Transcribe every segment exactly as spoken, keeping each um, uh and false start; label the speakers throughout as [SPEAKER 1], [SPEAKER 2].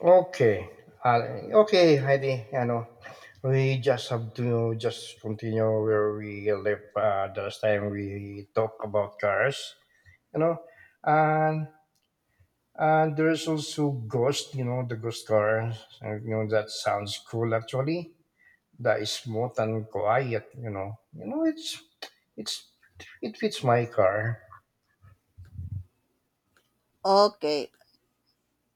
[SPEAKER 1] Okay. Uh, okay, Heidi. You know, we just have to just continue where we left uh, the last time we talked about cars. You know, and and there's also Ghost. You know, the Ghost car. Uh, You know, that sounds cool actually. That is smooth and quiet. You know, you know, it's it's it fits my car.
[SPEAKER 2] Okay,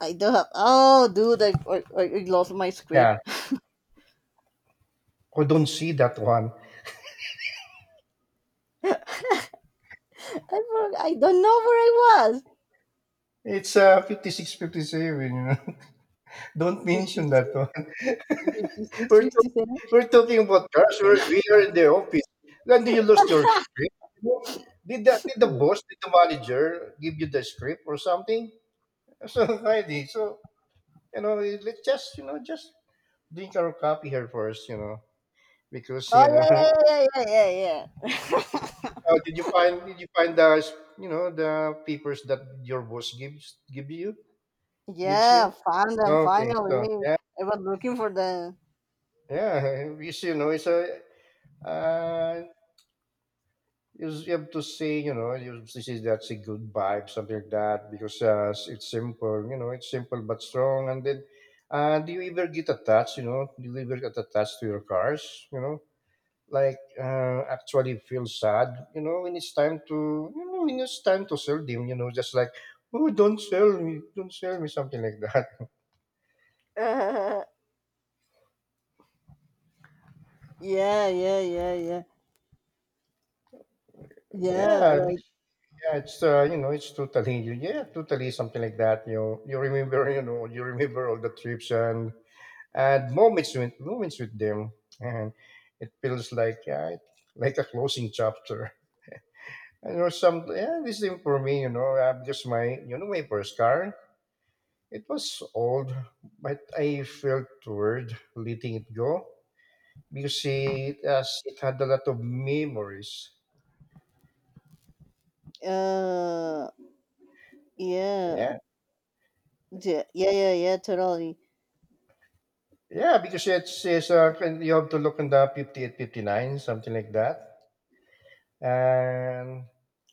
[SPEAKER 2] I do have. Oh, dude, I, I, I I lost my script.
[SPEAKER 1] Yeah, I don't see that one.
[SPEAKER 2] I, for- I don't know where I was.
[SPEAKER 1] It's uh, fifty-six fifty-seven, you know. Don't mention that one. We're, talk- we're talking about cars. We're, we are in the office. When do you lose your script? You know, Did the, did the boss, did the manager give you the script or something? So, Heidi, so, you know, let's just, you know, just drink our coffee here first, you know, because,
[SPEAKER 2] Oh,
[SPEAKER 1] you
[SPEAKER 2] yeah,
[SPEAKER 1] know,
[SPEAKER 2] yeah, yeah, yeah, yeah, yeah.
[SPEAKER 1] how did you find, did you find the, you know, the papers that your boss gives, give you, gives you?
[SPEAKER 2] Yeah, found them
[SPEAKER 1] Okay, so,
[SPEAKER 2] finally.
[SPEAKER 1] yeah,
[SPEAKER 2] I was looking for them.
[SPEAKER 1] yeah, you see, you know, it's a, uh, you just have to say, you know, you have to say that's a good vibe, something like that, because uh, s- it's simple, you know, it's simple but strong. And then, uh, do you ever get attached, you know, do you ever get attached to your cars, you know, like uh, actually feel sad, you know, when it's time to, you know, when it's time to sell them, you know, just like, oh, don't sell me, don't sell me, something like that.
[SPEAKER 2] Yeah, yeah, yeah, yeah, yeah.
[SPEAKER 1] Yeah,
[SPEAKER 2] Like,
[SPEAKER 1] yeah, it's uh, you know, it's totally yeah, totally something like that. You know, you remember, you know, you remember all the trips and and moments with moments with them, and it feels like uh, like a closing chapter. And or some yeah, this thing for me, you know, uh, because my you know my first car, it was old, but I felt weird letting it go because it has it had a lot of memories.
[SPEAKER 2] uh, yeah,
[SPEAKER 1] Yeah,
[SPEAKER 2] yeah, yeah, yeah, yeah, totally.
[SPEAKER 1] yeah, because it's, it's uh, you have to look in the fifty-eight, fifty-nine, something like that. and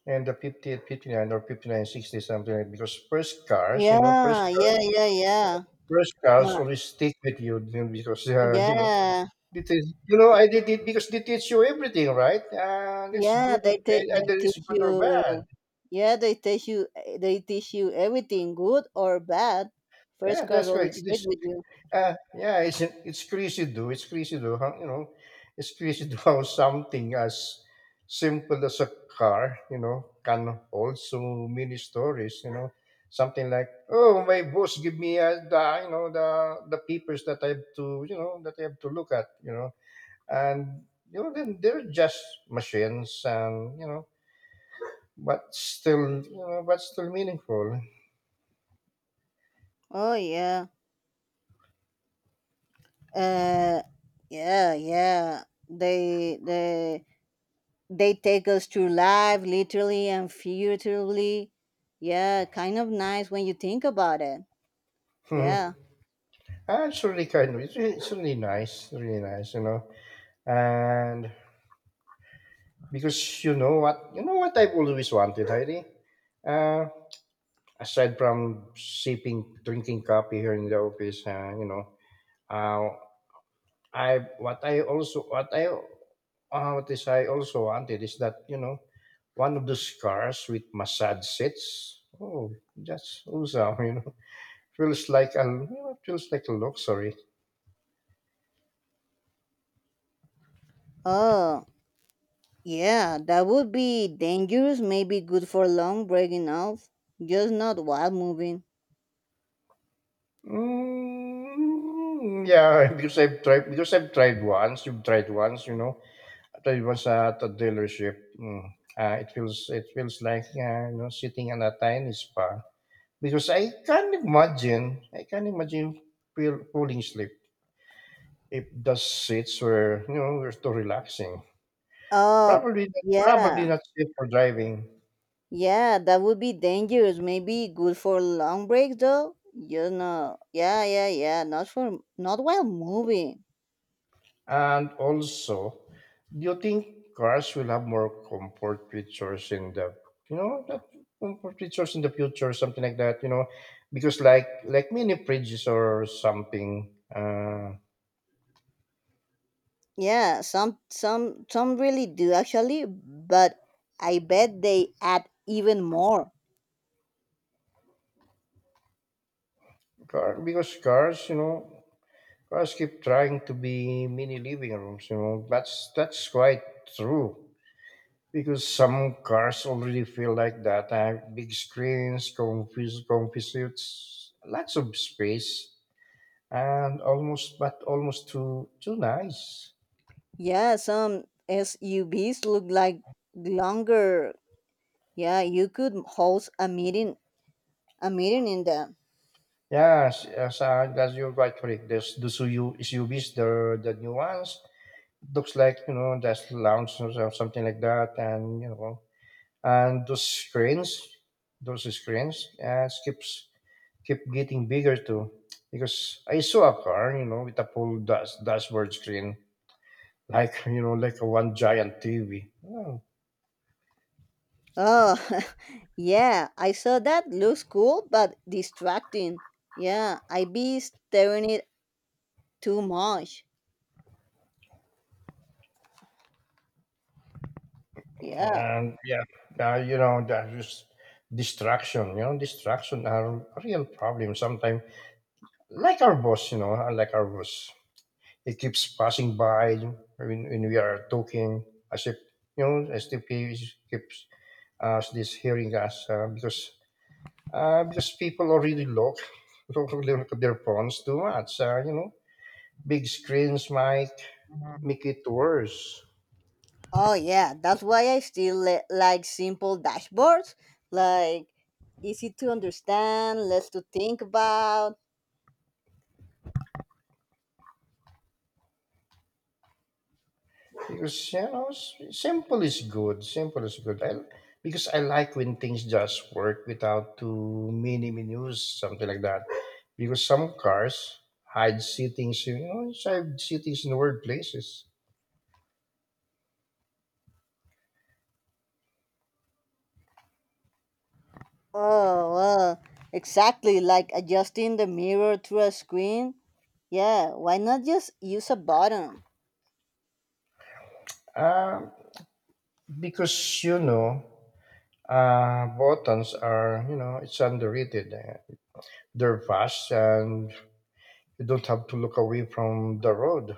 [SPEAKER 1] and the fifty-eight, fifty-nine, or fifty-nine, sixty, something like because first cars you know first
[SPEAKER 2] Yeah,
[SPEAKER 1] cars
[SPEAKER 2] yeah, yeah, yeah.
[SPEAKER 1] first cars
[SPEAKER 2] Ma-
[SPEAKER 1] always stick with you, you know, because uh, you know
[SPEAKER 2] yeah.
[SPEAKER 1] it is, you know, I did it because they teach you everything, right? And it's
[SPEAKER 2] Yeah,
[SPEAKER 1] good,
[SPEAKER 2] they te-
[SPEAKER 1] and
[SPEAKER 2] they
[SPEAKER 1] either it's
[SPEAKER 2] teach
[SPEAKER 1] good or bad.
[SPEAKER 2] you. Yeah, they teach you. They teach you everything, good or bad.
[SPEAKER 1] Yeah,
[SPEAKER 2] First class
[SPEAKER 1] that's right.
[SPEAKER 2] always
[SPEAKER 1] It
[SPEAKER 2] stick
[SPEAKER 1] is.
[SPEAKER 2] with you.
[SPEAKER 1] Uh, yeah, it's it's crazy though. It's crazy though. How, you know, it's crazy though how something as simple as a car, you know, can also many stories. You know, something like, oh, my boss give me uh, the you know the the papers that I have to you know that I have to look at. You know, and you know then they're just machines, and you know, but still you know, but still meaningful.
[SPEAKER 2] Oh, yeah. Uh, yeah, yeah. They they they take us through life, literally and figuratively. Yeah, kind of nice when you think about it. Yeah.
[SPEAKER 1] Actually, kind of, it's, re- it's really nice, really nice, you know. And because you know what, you know what I've always wanted, Heidi. Uh, Aside from sipping, drinking coffee here in the office, uh, you know, uh, I what I also what I uh, what is I also wanted is that you know one of those cars with massage seats. Oh, that's awesome! You know, feels like a you know, feels like a luxury.
[SPEAKER 2] Oh, yeah. That would be dangerous. Maybe good for long breaking off, just not while moving.
[SPEAKER 1] Mm, yeah, because I've tried because I've tried once. You've tried once, you know. I was at a dealership. Mm. Uh, it feels it feels like uh, you know sitting in a tiny spa because I can't imagine I can't imagine feel, falling asleep if the seats were you know were too relaxing.
[SPEAKER 2] Oh,
[SPEAKER 1] Probably probably
[SPEAKER 2] yeah.
[SPEAKER 1] not safe for driving.
[SPEAKER 2] Yeah, that would be dangerous. Maybe good for long breaks though. You know. Yeah, yeah, yeah. Not for not while moving.
[SPEAKER 1] And also, do you think cars will have more comfort features in the you know that comfort features in the future, something like that? You know, because like like mini fridges or something. Uh,
[SPEAKER 2] Yeah, some some some really do actually, but I bet they add even more.
[SPEAKER 1] car because cars, you know, cars keep trying to be mini living rooms. You know, that's that's quite true. Because some cars already feel like that. Uh, big screens, comfy, comfy lots of space, and almost, but almost too too nice.
[SPEAKER 2] Yeah, some S U Vs look like longer. Yeah, you could host a meeting a meeting in them.
[SPEAKER 1] Yes, yes, uh, that's, you're right, correct. There's the S U U, S U Vs, the the new ones. Looks like you know that's lounge or so- something like that, and you know, and those screens, those screens, uh, keeps keep getting bigger too. Because I saw a car, you know, with a full dash, dashboard screen, like you know, like a one giant T V.
[SPEAKER 2] Oh, yeah, I saw that. Looks cool, but distracting. Yeah, I be staring it too much. Yeah.
[SPEAKER 1] And yeah, uh, you know, that is distraction, you know, distraction are a real problem sometimes. Like our boss, you know, like our boss, he keeps passing by when, when we are talking as if, you know, as if he is- keeps us this hearing us uh, because uh, because people already look, look at their phones too much, uh, you know, big screens might make it worse.
[SPEAKER 2] Oh, yeah, that's why I still li- like simple dashboards. Like, easy to understand, less to think about.
[SPEAKER 1] Because you know, s- simple is good. Simple is good. I, because I like when things just work without too many menus, something like that. Because some cars hide seatings, you know, hide seatings in weird places.
[SPEAKER 2] Oh, uh, exactly, like adjusting the mirror through a screen. Yeah, why not just use a button?
[SPEAKER 1] Um, because you know, uh, buttons are you know it's underrated. They're fast and you don't have to look away from the road.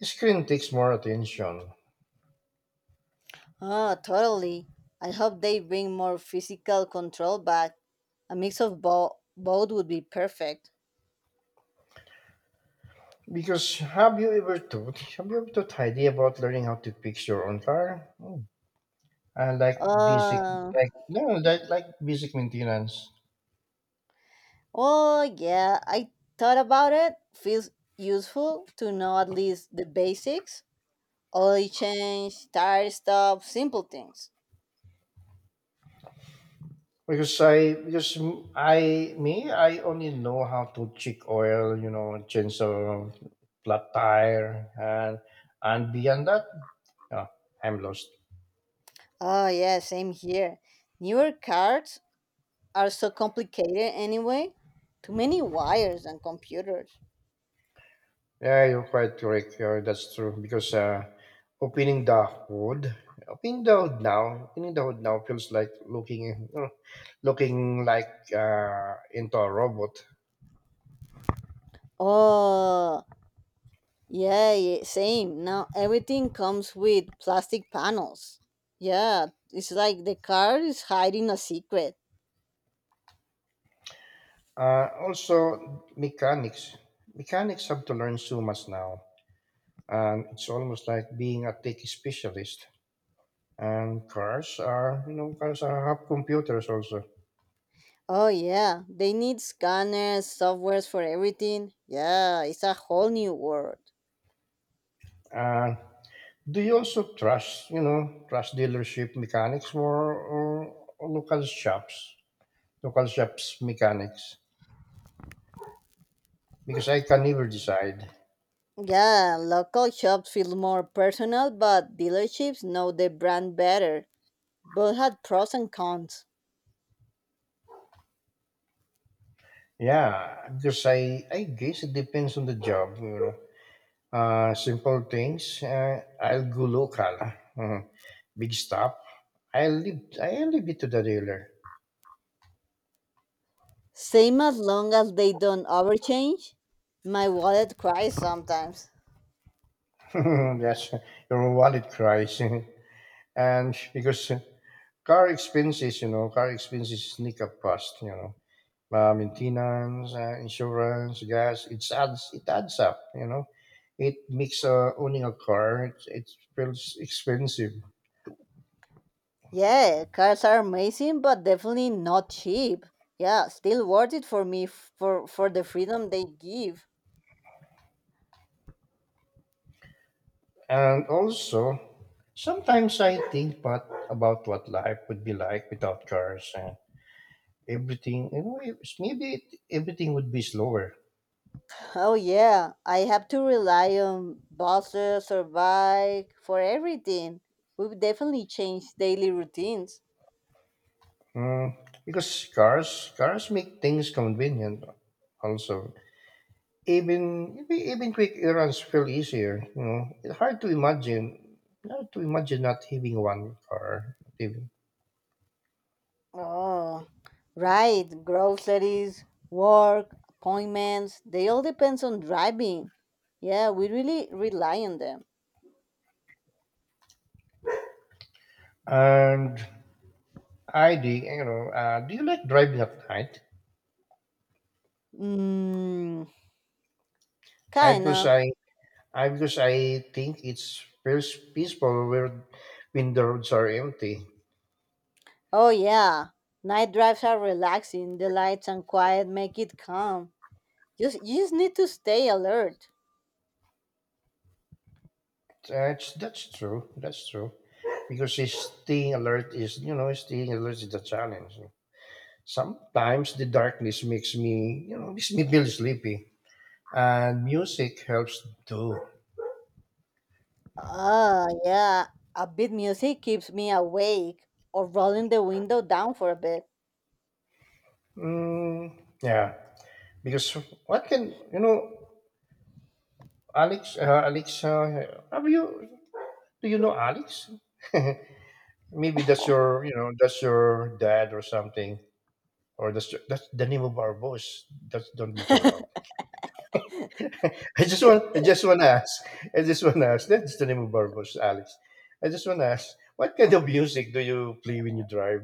[SPEAKER 1] Screen takes more attention.
[SPEAKER 2] Oh, totally. I hope they bring more physical control back. A mix of bo- both would be perfect.
[SPEAKER 1] Because have you ever thought have you ever thought Heidi about learning how to fix your own car? Mm. And like basic
[SPEAKER 2] Uh,
[SPEAKER 1] like no like like basic maintenance.
[SPEAKER 2] oh, yeah, I thought about it. Feels useful to know at least the basics oil change, tire stop, simple things.
[SPEAKER 1] Because I because m- I me I only know how to check oil, you know, change a flat tire and and beyond that, yeah, I'm lost.
[SPEAKER 2] Oh, yeah, same here. Newer cars are so complicated anyway. Too many wires and computers.
[SPEAKER 1] Yeah, you're quite correct. Yeah, that's true. Because uh, opening the hood, opening the hood now, opening the hood now feels like looking, you looking like uh, into a robot.
[SPEAKER 2] Oh, yeah, ye- same. Now everything comes with plastic panels. Yeah, it's like the car is hiding a secret.
[SPEAKER 1] Uh, also, mechanics. Mechanics have to learn so much now, and it's almost like being a tech specialist. And cars are, you know, cars are have computers also.
[SPEAKER 2] Oh, yeah, they need scanners, softwares for everything. Yeah, it's a whole new world.
[SPEAKER 1] Uh, Do you also trust, you know, trust dealership mechanics more or, or local shops, local shops mechanics? Because I can never decide.
[SPEAKER 2] Yeah, local shops feel more personal, but dealerships know the brand better. Both had pros and cons.
[SPEAKER 1] Yeah, because I, I guess it depends on the job, you know. Uh, simple things, uh, I'll go local. Uh, big stop, I'll leave, I'll leave it to the dealer.
[SPEAKER 2] Same as long as they don't overchange. My wallet cries sometimes.
[SPEAKER 1] That's your wallet cries. And because car expenses, you know, car expenses sneak up fast, you know, uh, maintenance, uh, insurance, gas. It's adds it adds up, you know. It makes uh, owning a car, it, it feels expensive,
[SPEAKER 2] Yeah, cars are amazing, but definitely not cheap. Yeah, still worth it for me f- for for the freedom they give.
[SPEAKER 1] and also sometimes I think but about what life would be like without cars and everything. You know, it- maybe it, everything would be slower.
[SPEAKER 2] Oh, yeah, I have to rely on buses or bike for everything. We've definitely changed daily routines.
[SPEAKER 1] Mm, because cars cars make things convenient also. Even even even quick errands feel easier. You know, it's hard to imagine, hard to imagine not having one car. Even.
[SPEAKER 2] Oh, right, groceries, work, appointments, they all depends on driving. Yeah, we really rely on them.
[SPEAKER 1] And I do, you know, uh, do you like driving at night?
[SPEAKER 2] Mm,
[SPEAKER 1] I because
[SPEAKER 2] kinda.
[SPEAKER 1] I, I because I think it's feels peaceful where when the roads are empty.
[SPEAKER 2] Oh, yeah. Night drives are relaxing. The lights and quiet make it calm. Just, you just need to stay alert.
[SPEAKER 1] That's that's true. That's true. Because it's staying alert is you know staying alert is the challenge. Sometimes the darkness makes me you know makes me feel sleepy. And music helps too.
[SPEAKER 2] Ah, yeah. A bit music keeps me awake or rolling the window down for a bit.
[SPEAKER 1] Mm, yeah, because what can you know, Alex? Uh, Alexa, have you? Do you know Alex? Maybe that's your, you know, that's your dad or something, or that's your, that's the name of our boss. That's, don't be too loud. I just want, I just want to ask. I just want to ask. That's the name of our boss, Alex. I just want to ask. What kind of music do you play when you drive?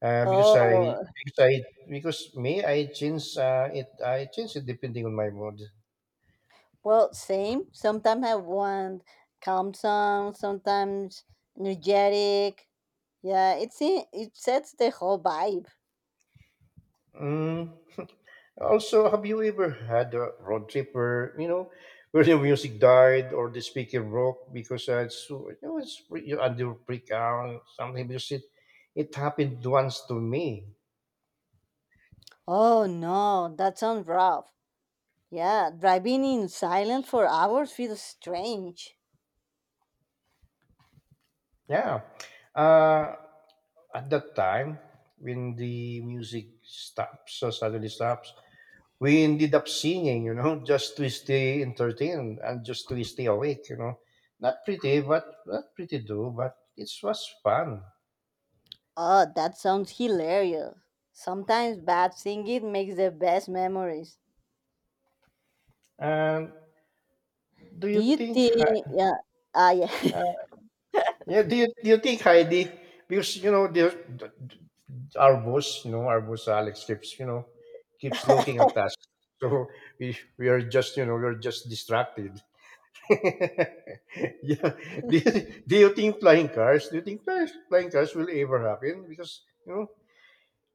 [SPEAKER 1] Uh, because I
[SPEAKER 2] Oh,
[SPEAKER 1] because I because me, I change uh, it I change it depending on my mood.
[SPEAKER 2] well, same. Sometimes I want calm songs, sometimes energetic. Yeah, it's in, it sets the whole vibe.
[SPEAKER 1] Mm. Also, have you ever had a road trip where you know where the music died or the speaker broke because uh, it's you know it's pre- you under freak out or something because it it happened once to me.
[SPEAKER 2] Oh, no, that sounds rough. Yeah, driving in silence for hours feels strange.
[SPEAKER 1] Yeah, uh, at that time when the music stops so suddenly stops, we ended up singing, you know, just to stay entertained and just to stay awake, you know. Not pretty, but not pretty do, but it was fun.
[SPEAKER 2] Oh, that sounds hilarious. Sometimes bad singing makes the best memories.
[SPEAKER 1] And do
[SPEAKER 2] Do
[SPEAKER 1] you
[SPEAKER 2] you
[SPEAKER 1] think,
[SPEAKER 2] think?
[SPEAKER 1] Hei-
[SPEAKER 2] Yeah. Ah, yeah.
[SPEAKER 1] uh, yeah, do you, do you think Heidi, because, you know, the, the- our boss, you know, our boss Alex keeps, you know, keeps looking at us. So we, we are just, you know, we're just distracted. yeah. Do you, do you think flying cars, do you think flying flying cars will ever happen? Because, you know,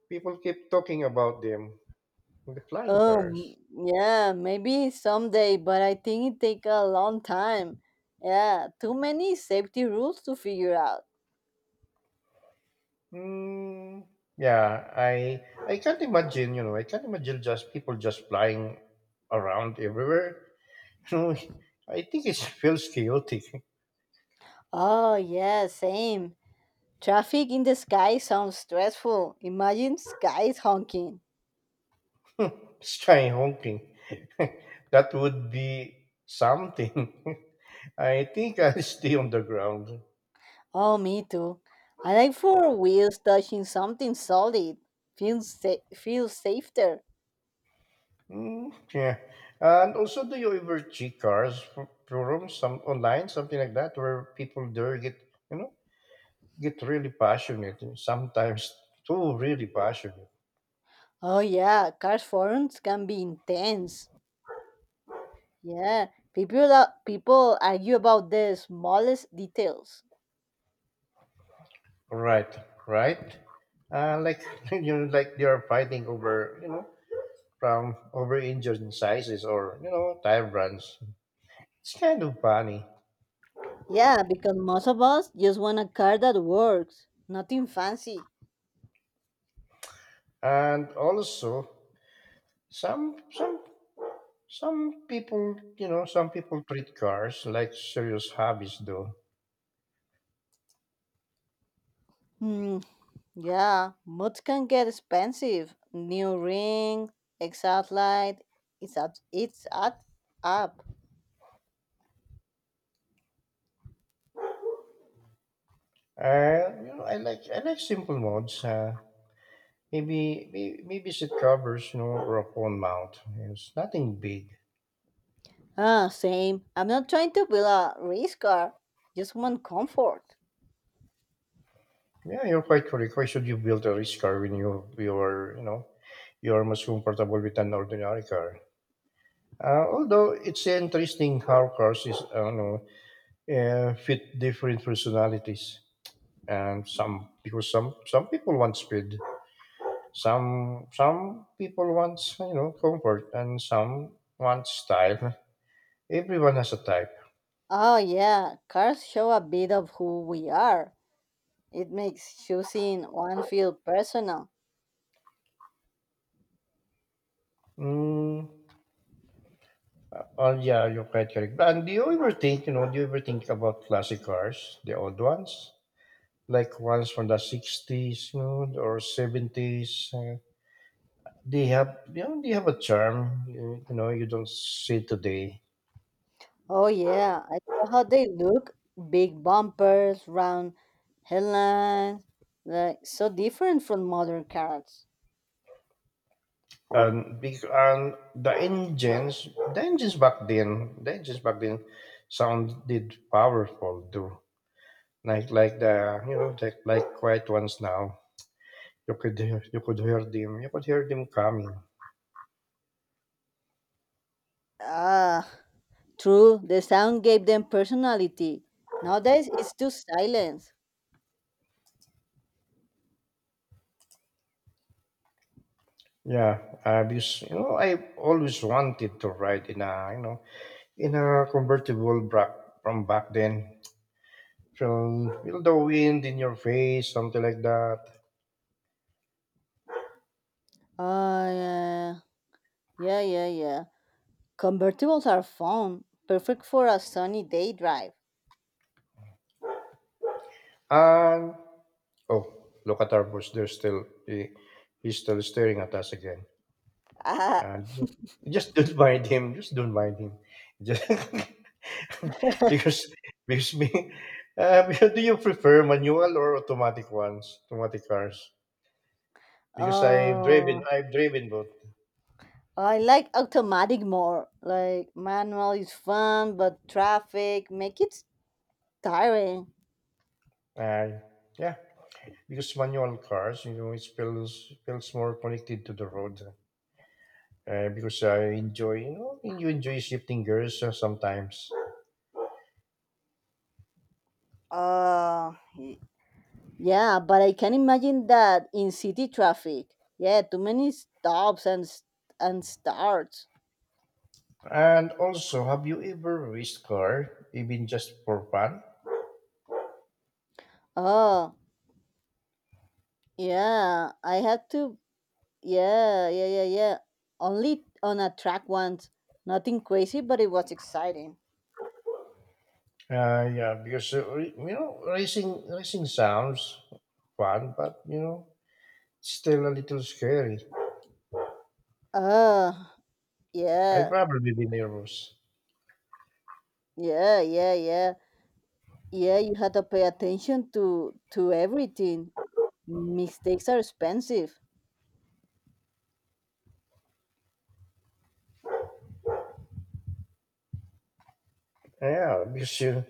[SPEAKER 1] people keep talking about them, the flying cars.
[SPEAKER 2] um. Yeah. Maybe someday, but I think it take a long time. Yeah. Too many safety rules to figure out.
[SPEAKER 1] Mm, yeah, I I can't imagine. You know, I can't imagine just people just flying around everywhere. You know, I think it feels chaotic.
[SPEAKER 2] Oh, yeah. Same. Traffic in the sky sounds stressful. Imagine skies honking.
[SPEAKER 1] Sky honking. That would be something. I think I'll stay on the ground.
[SPEAKER 2] Oh, me too. I like for wheels touching something solid. Feels sa- feels safer.
[SPEAKER 1] Mm, yeah. And also, do you ever check cars f- forums, some online, something like that, where people there get, you know? get really passionate, sometimes too really passionate.
[SPEAKER 2] Oh, yeah, cars forums can be intense. Yeah, people are, people argue about the smallest details.
[SPEAKER 1] Right, right. Uh, like you know, like you're fighting over you know from over engine sizes or you know time runs. It's kind of funny,
[SPEAKER 2] Yeah, because most of us just want a car that works, nothing fancy.
[SPEAKER 1] and also some some some people you know some people treat cars like serious hobbies though.
[SPEAKER 2] Hmm. Yeah, mods can get expensive. New ring, exhaust light. It's at it's at up.
[SPEAKER 1] Uh, you know, I like I like simple modes. Uh, maybe may- maybe seat covers, you know, or a phone mount. It's nothing big.
[SPEAKER 2] Ah, same. I'm not trying to build a race car. Just want comfort.
[SPEAKER 1] Yeah, you're quite correct. Why should you build a rich car when you you are you know you are much comfortable with an ordinary car? Uh, although it's interesting how cars is uh, you know, uh, fit different personalities, and some because some some people want speed, some some people want you know comfort, and some want style. Everyone has a type.
[SPEAKER 2] Oh, yeah, cars show a bit of who we are. It makes choosing one feel personal.
[SPEAKER 1] Mm, oh yeah, you're quite correct. And do you ever think you know? Do you ever think about classic cars, the old ones? Like ones from the sixties, you know, or seventies, uh, they have you know they have a charm you, you know you don't see today.
[SPEAKER 2] Oh, yeah, I love how they look. Big bumpers, round headlines, like so different from modern cars.
[SPEAKER 1] And, bec- and the engines the engines back then the engines back then sounded powerful too, like like the you know like, like quiet ones now. You could hear- you could hear them you could hear them coming.
[SPEAKER 2] Ah, true. The sound gave them personality. Nowadays, it's too silent.
[SPEAKER 1] Yeah. uh, because you know I always wanted to ride in a, you know in a convertible back from back then. Feel, feel the wind in your face, something like that.
[SPEAKER 2] Ah, yeah, yeah, yeah, yeah. Convertibles are fun, perfect for a sunny day drive.
[SPEAKER 1] And oh, look at our boss. There's still he, he's still staring at us again.
[SPEAKER 2] Ah,
[SPEAKER 1] And ju- just don't mind him. Just don't mind him. Just because because me. Uh, do you prefer manual or automatic ones? Automatic cars? Because I've driven,
[SPEAKER 2] oh.
[SPEAKER 1] I've driven both.
[SPEAKER 2] I like automatic more. Like manual is fun, but traffic make it tiring.
[SPEAKER 1] Uh, yeah, because manual cars, you know, it feels feels more connected to the road. Uh, because I enjoy, you know, you enjoy shifting gears, uh, sometimes.
[SPEAKER 2] Uh, y- yeah, but I can imagine that in city traffic. Yeah, too many stops and s- and starts.
[SPEAKER 1] And also, have you ever raced car, even just for fun?
[SPEAKER 2] Oh, yeah, I had to. Yeah, yeah, yeah, yeah. Only on a track once. Nothing crazy, but it was exciting.
[SPEAKER 1] Uh, yeah, because uh, re- you know, racing racing sounds fun, but you know, still a little scary.
[SPEAKER 2] Oh,
[SPEAKER 1] I'd
[SPEAKER 2] yeah,
[SPEAKER 1] probably be nervous.
[SPEAKER 2] yeah, yeah, yeah. Yeah, you had to pay attention to to everything. Mistakes are expensive.
[SPEAKER 1] Yeah, because you.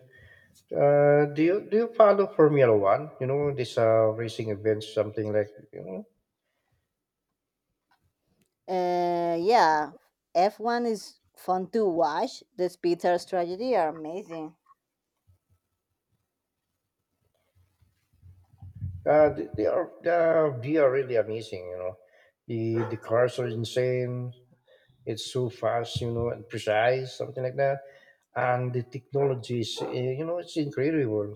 [SPEAKER 1] Uh, do you do you follow Formula One? You know, these uh, racing events, something like you know,
[SPEAKER 2] Uh, yeah, F one is fun to watch. The speeds are strategy are amazing.
[SPEAKER 1] Uh, th- they are the V R really amazing. You know, the the cars are insane. It's so fast, you know, and precise, something like that. And the technology is, uh, you know, it's incredible.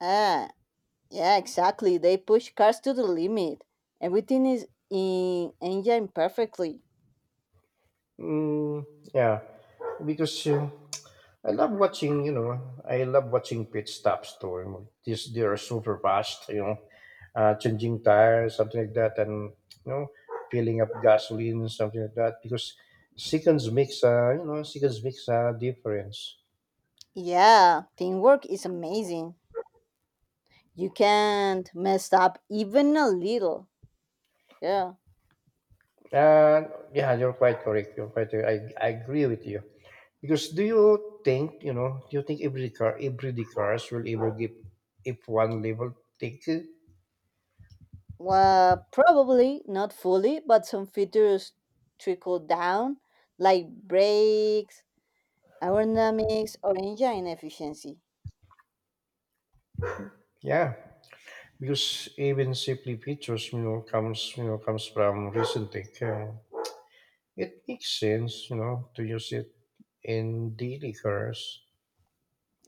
[SPEAKER 2] Ah, yeah, exactly. They push cars to the limit. Everything is in engine perfectly.
[SPEAKER 1] Mm, yeah, because. Uh, I love watching, you know, I love watching pit stops too. You know, these they are super fast, you know, uh, changing tires, something like that, and you know, filling up gasoline, something like that, because seconds makes a, you know, seconds makes a difference.
[SPEAKER 2] Yeah, teamwork is amazing. You can't mess up even a little. Yeah.
[SPEAKER 1] And yeah, you're quite correct. You're quite. I I agree with you. Because do you think, you know, do you think every car, every the cars will ever give if one level take it?
[SPEAKER 2] Uh, probably not fully, but some features trickle down, like brakes, aerodynamics, or engine efficiency.
[SPEAKER 1] Yeah, because even simply pictures you know comes you know comes from recent tech. Uh, it makes sense, you know, to use it in daily cars.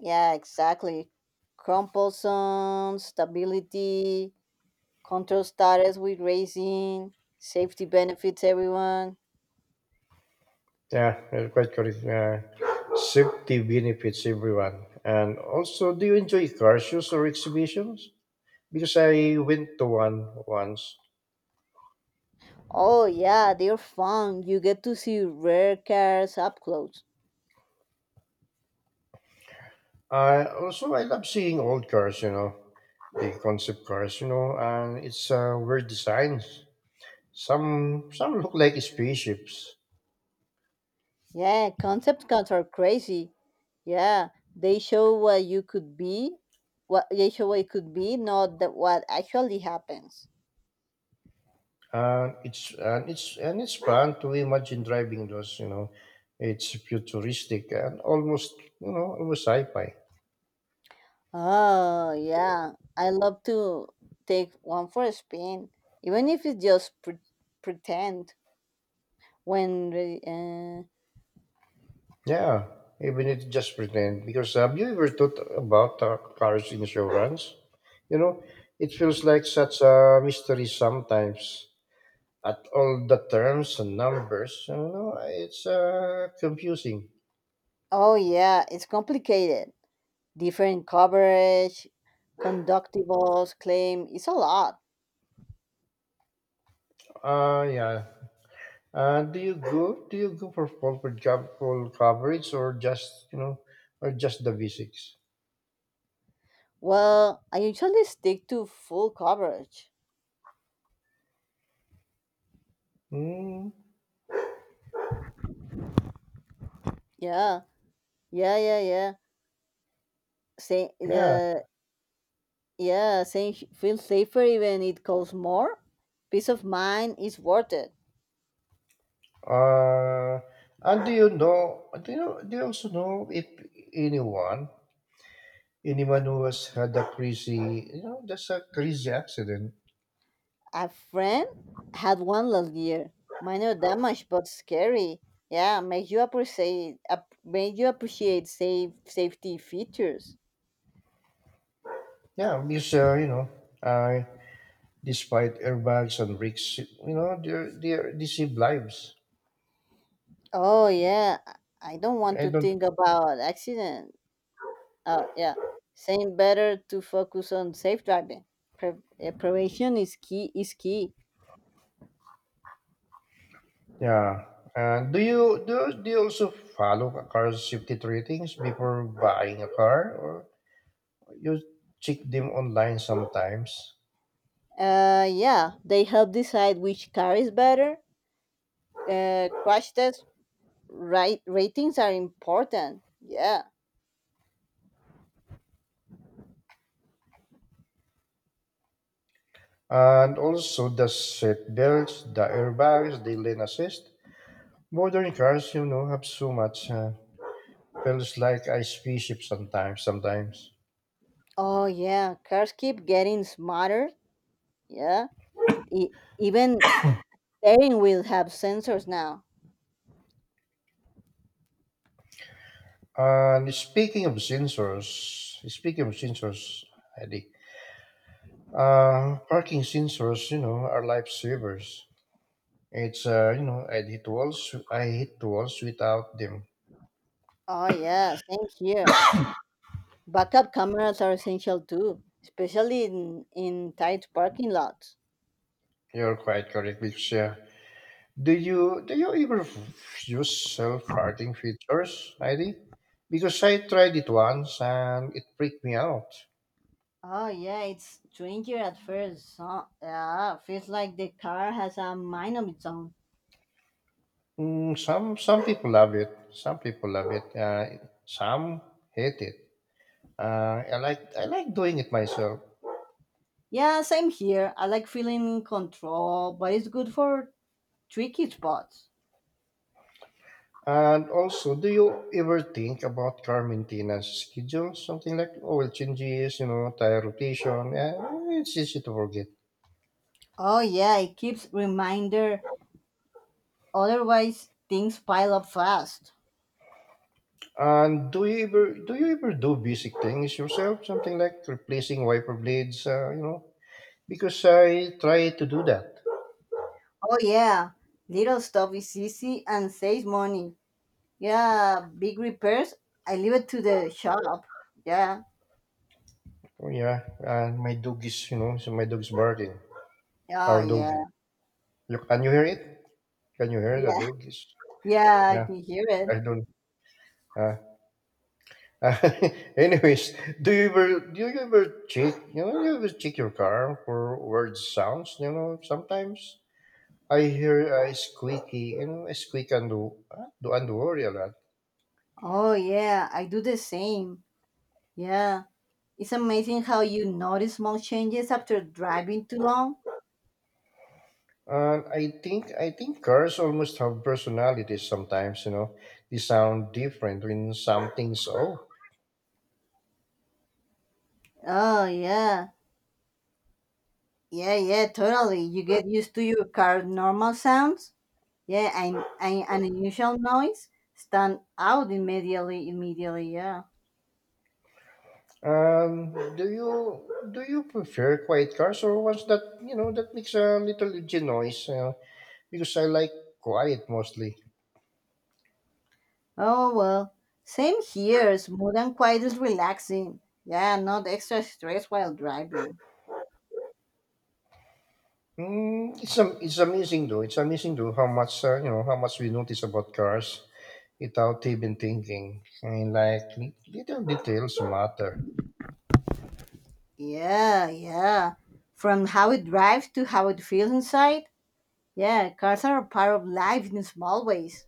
[SPEAKER 2] Yeah, exactly. Compulsion, stability, control status with racing, safety benefits, everyone.
[SPEAKER 1] Yeah, uh, quite correct. Uh, safety benefits everyone. And also, do you enjoy car shows or exhibitions? Because I went to one once.
[SPEAKER 2] Oh, yeah, they're fun. You get to see rare cars up close.
[SPEAKER 1] I also, I love seeing old cars, you know, the concept cars, you know, and it's, uh, weird designs. Some some look like spaceships.
[SPEAKER 2] Yeah, concept cars are crazy. Yeah, they show what you could be, what they show what it could be, not that what actually happens.
[SPEAKER 1] And it's and it's and it's fun to imagine driving those. You know, it's futuristic and almost, you know almost sci-fi.
[SPEAKER 2] Oh, yeah, I love to take one for a spin, even if it's just pre- pretend. When re- uh,
[SPEAKER 1] Yeah, even if just pretend. Because have you ever thought about uh, cars insurance? You know, it feels like such a mystery sometimes. At all the terms and numbers, you know, it's uh, confusing.
[SPEAKER 2] oh, yeah, it's complicated. Different coverage, conductibles, claim. It's a lot.
[SPEAKER 1] Uh, yeah, Uh, do you go? Do you go for full for job full coverage or just, you know, or just the basics?
[SPEAKER 2] Well, I usually stick to full coverage.
[SPEAKER 1] Mm,
[SPEAKER 2] Yeah, yeah, yeah, yeah. Say
[SPEAKER 1] yeah.
[SPEAKER 2] the yeah saying he feels safer even it costs more, peace of mind is worth it.
[SPEAKER 1] Uh, and do you know? Do you know? Do you also know if anyone, anyone who has had a crazy, you know, just a crazy accident?
[SPEAKER 2] A friend had one last year, minor damage but scary. Yeah, make you appreciate ap- make you appreciate safe safety features.
[SPEAKER 1] Yeah, because uh, you know, uh, despite airbags and brakes, you know, they they they save lives.
[SPEAKER 2] Oh, yeah, i I don't want
[SPEAKER 1] I
[SPEAKER 2] to
[SPEAKER 1] don't.
[SPEAKER 2] think about accident. Uh yeah, saying better to focus on safe driving. Pre- eh, prevention is key is key.
[SPEAKER 1] Yeah. Uh, do you do, you- do you also follow a car's safety ratings before buying a car, or you check them online sometimes?
[SPEAKER 2] Uh, yeah, they help decide which car is better. Uh, crash test right ratings are important. Yeah.
[SPEAKER 1] And also the seat belts, the airbags, the lane assist. Modern cars, you know, have so much. Uh, feels like a spaceship sometimes. Sometimes.
[SPEAKER 2] Oh, yeah, cars keep getting smarter. Yeah. E- even steering wheels have sensors now.
[SPEAKER 1] And speaking of sensors, speaking of sensors, Eddie, uh, parking sensors, you know, are lifesavers. It's uh, you know, I hit walls. I hit walls without them.
[SPEAKER 2] Oh, yeah, same here. Backup cameras are essential too, especially in, in tight parking lots.
[SPEAKER 1] You're quite correct, because yeah. Do you do you ever f- use self-farting features, ID? Because I tried it once and it freaked me out.
[SPEAKER 2] Oh, yeah, it's stranger at first. Huh? Yeah, feels like the car has a mind of its own.
[SPEAKER 1] Mm, some some people love it. Some people love it. Uh, some hate it. Uh, I like I like doing it myself.
[SPEAKER 2] Yeah, same here. I like feeling in control, but it's good for tricky spots.
[SPEAKER 1] And also, do you ever think about car maintenance schedule? Something like oil changes, you know, tire rotation, and it's easy to forget.
[SPEAKER 2] Oh, yeah, it keeps reminder. Otherwise, things pile up fast.
[SPEAKER 1] And do you ever do you ever do basic things yourself? Something like replacing wiper blades, uh, you know? Because I try to do that.
[SPEAKER 2] Oh, yeah, little stuff is easy and saves money. Yeah, big repairs, I leave it to the shop. Yeah.
[SPEAKER 1] Oh, yeah, and my dog is, you know, so my dog's barking.
[SPEAKER 2] Oh,
[SPEAKER 1] Our dog.
[SPEAKER 2] yeah.
[SPEAKER 1] You, can you hear it? Can you hear the
[SPEAKER 2] Yeah.
[SPEAKER 1] dog is?
[SPEAKER 2] Yeah, I
[SPEAKER 1] Yeah,
[SPEAKER 2] can hear
[SPEAKER 1] I
[SPEAKER 2] it.
[SPEAKER 1] don't. Uh, Anyways, do you ever do you ever check you know you ever check your car for weird sounds? You know, sometimes I hear a squeaky, you know a squeak, and do do and the worry a lot.
[SPEAKER 2] Oh, yeah, I do the same. Yeah. It's amazing how you notice small changes after driving too long.
[SPEAKER 1] And I think I think cars almost have personalities sometimes. You know, they sound different when something's off.
[SPEAKER 2] Oh, yeah. Yeah, yeah, totally. You get used to your car normal sounds. Yeah, and, and an unusual noise stand out immediately. Immediately, yeah.
[SPEAKER 1] Um, do you do you prefer quiet cars or ones that, you know, that makes a little engine noise? You know, because I like quiet mostly.
[SPEAKER 2] Oh, well, same here. Smooth and quiet is relaxing. Yeah, not extra stress while driving.
[SPEAKER 1] Mm, it's um, it's amazing though. It's amazing though how much, uh, you know how much we notice about cars without even thinking. I mean, like li- little details matter.
[SPEAKER 2] Yeah, yeah. From how it drives to how it feels inside. Yeah, cars are a part of life in small ways.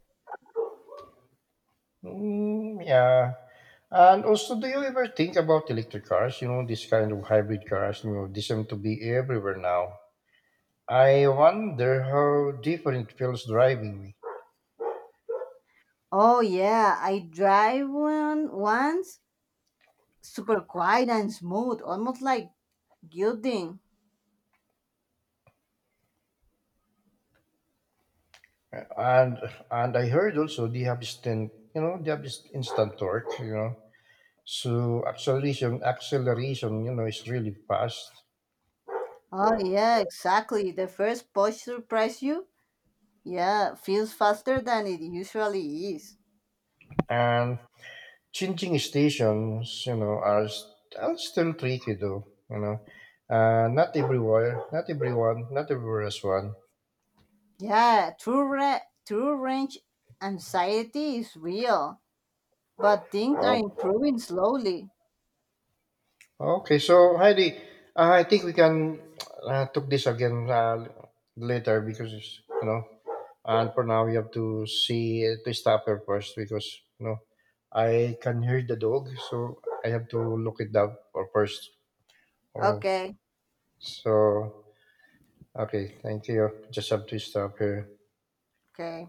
[SPEAKER 1] Mm, yeah. And also, do you ever think about electric cars? You know, this kind of hybrid cars. You know, they seem to be everywhere now. I wonder how different it feels driving me.
[SPEAKER 2] Oh, yeah, I drive one once, super quiet and smooth, almost like gilding.
[SPEAKER 1] And and I heard also they have instant, you know, they have this instant torque. You know, so acceleration, acceleration, you know, is really fast.
[SPEAKER 2] Oh, yeah, exactly. The first push surprise you. Yeah, feels faster than it usually is.
[SPEAKER 1] And changing stations, you know, are, st- are still tricky though, you know. Uh, not everywhere, not everyone, not everywhere is one.
[SPEAKER 2] Yeah, true ra- true range anxiety is real, but things are
[SPEAKER 1] Oh,
[SPEAKER 2] improving slowly.
[SPEAKER 1] okay, so Heidi, uh, I think we can, uh, talk this again, uh, later, because it's, you know, and for now we have to see, to stop her first, because, you know, I can hear the dog, so I have to look it up first. Oh.
[SPEAKER 2] Okay,
[SPEAKER 1] So, okay, thank you. Just have to stop here.
[SPEAKER 2] okay.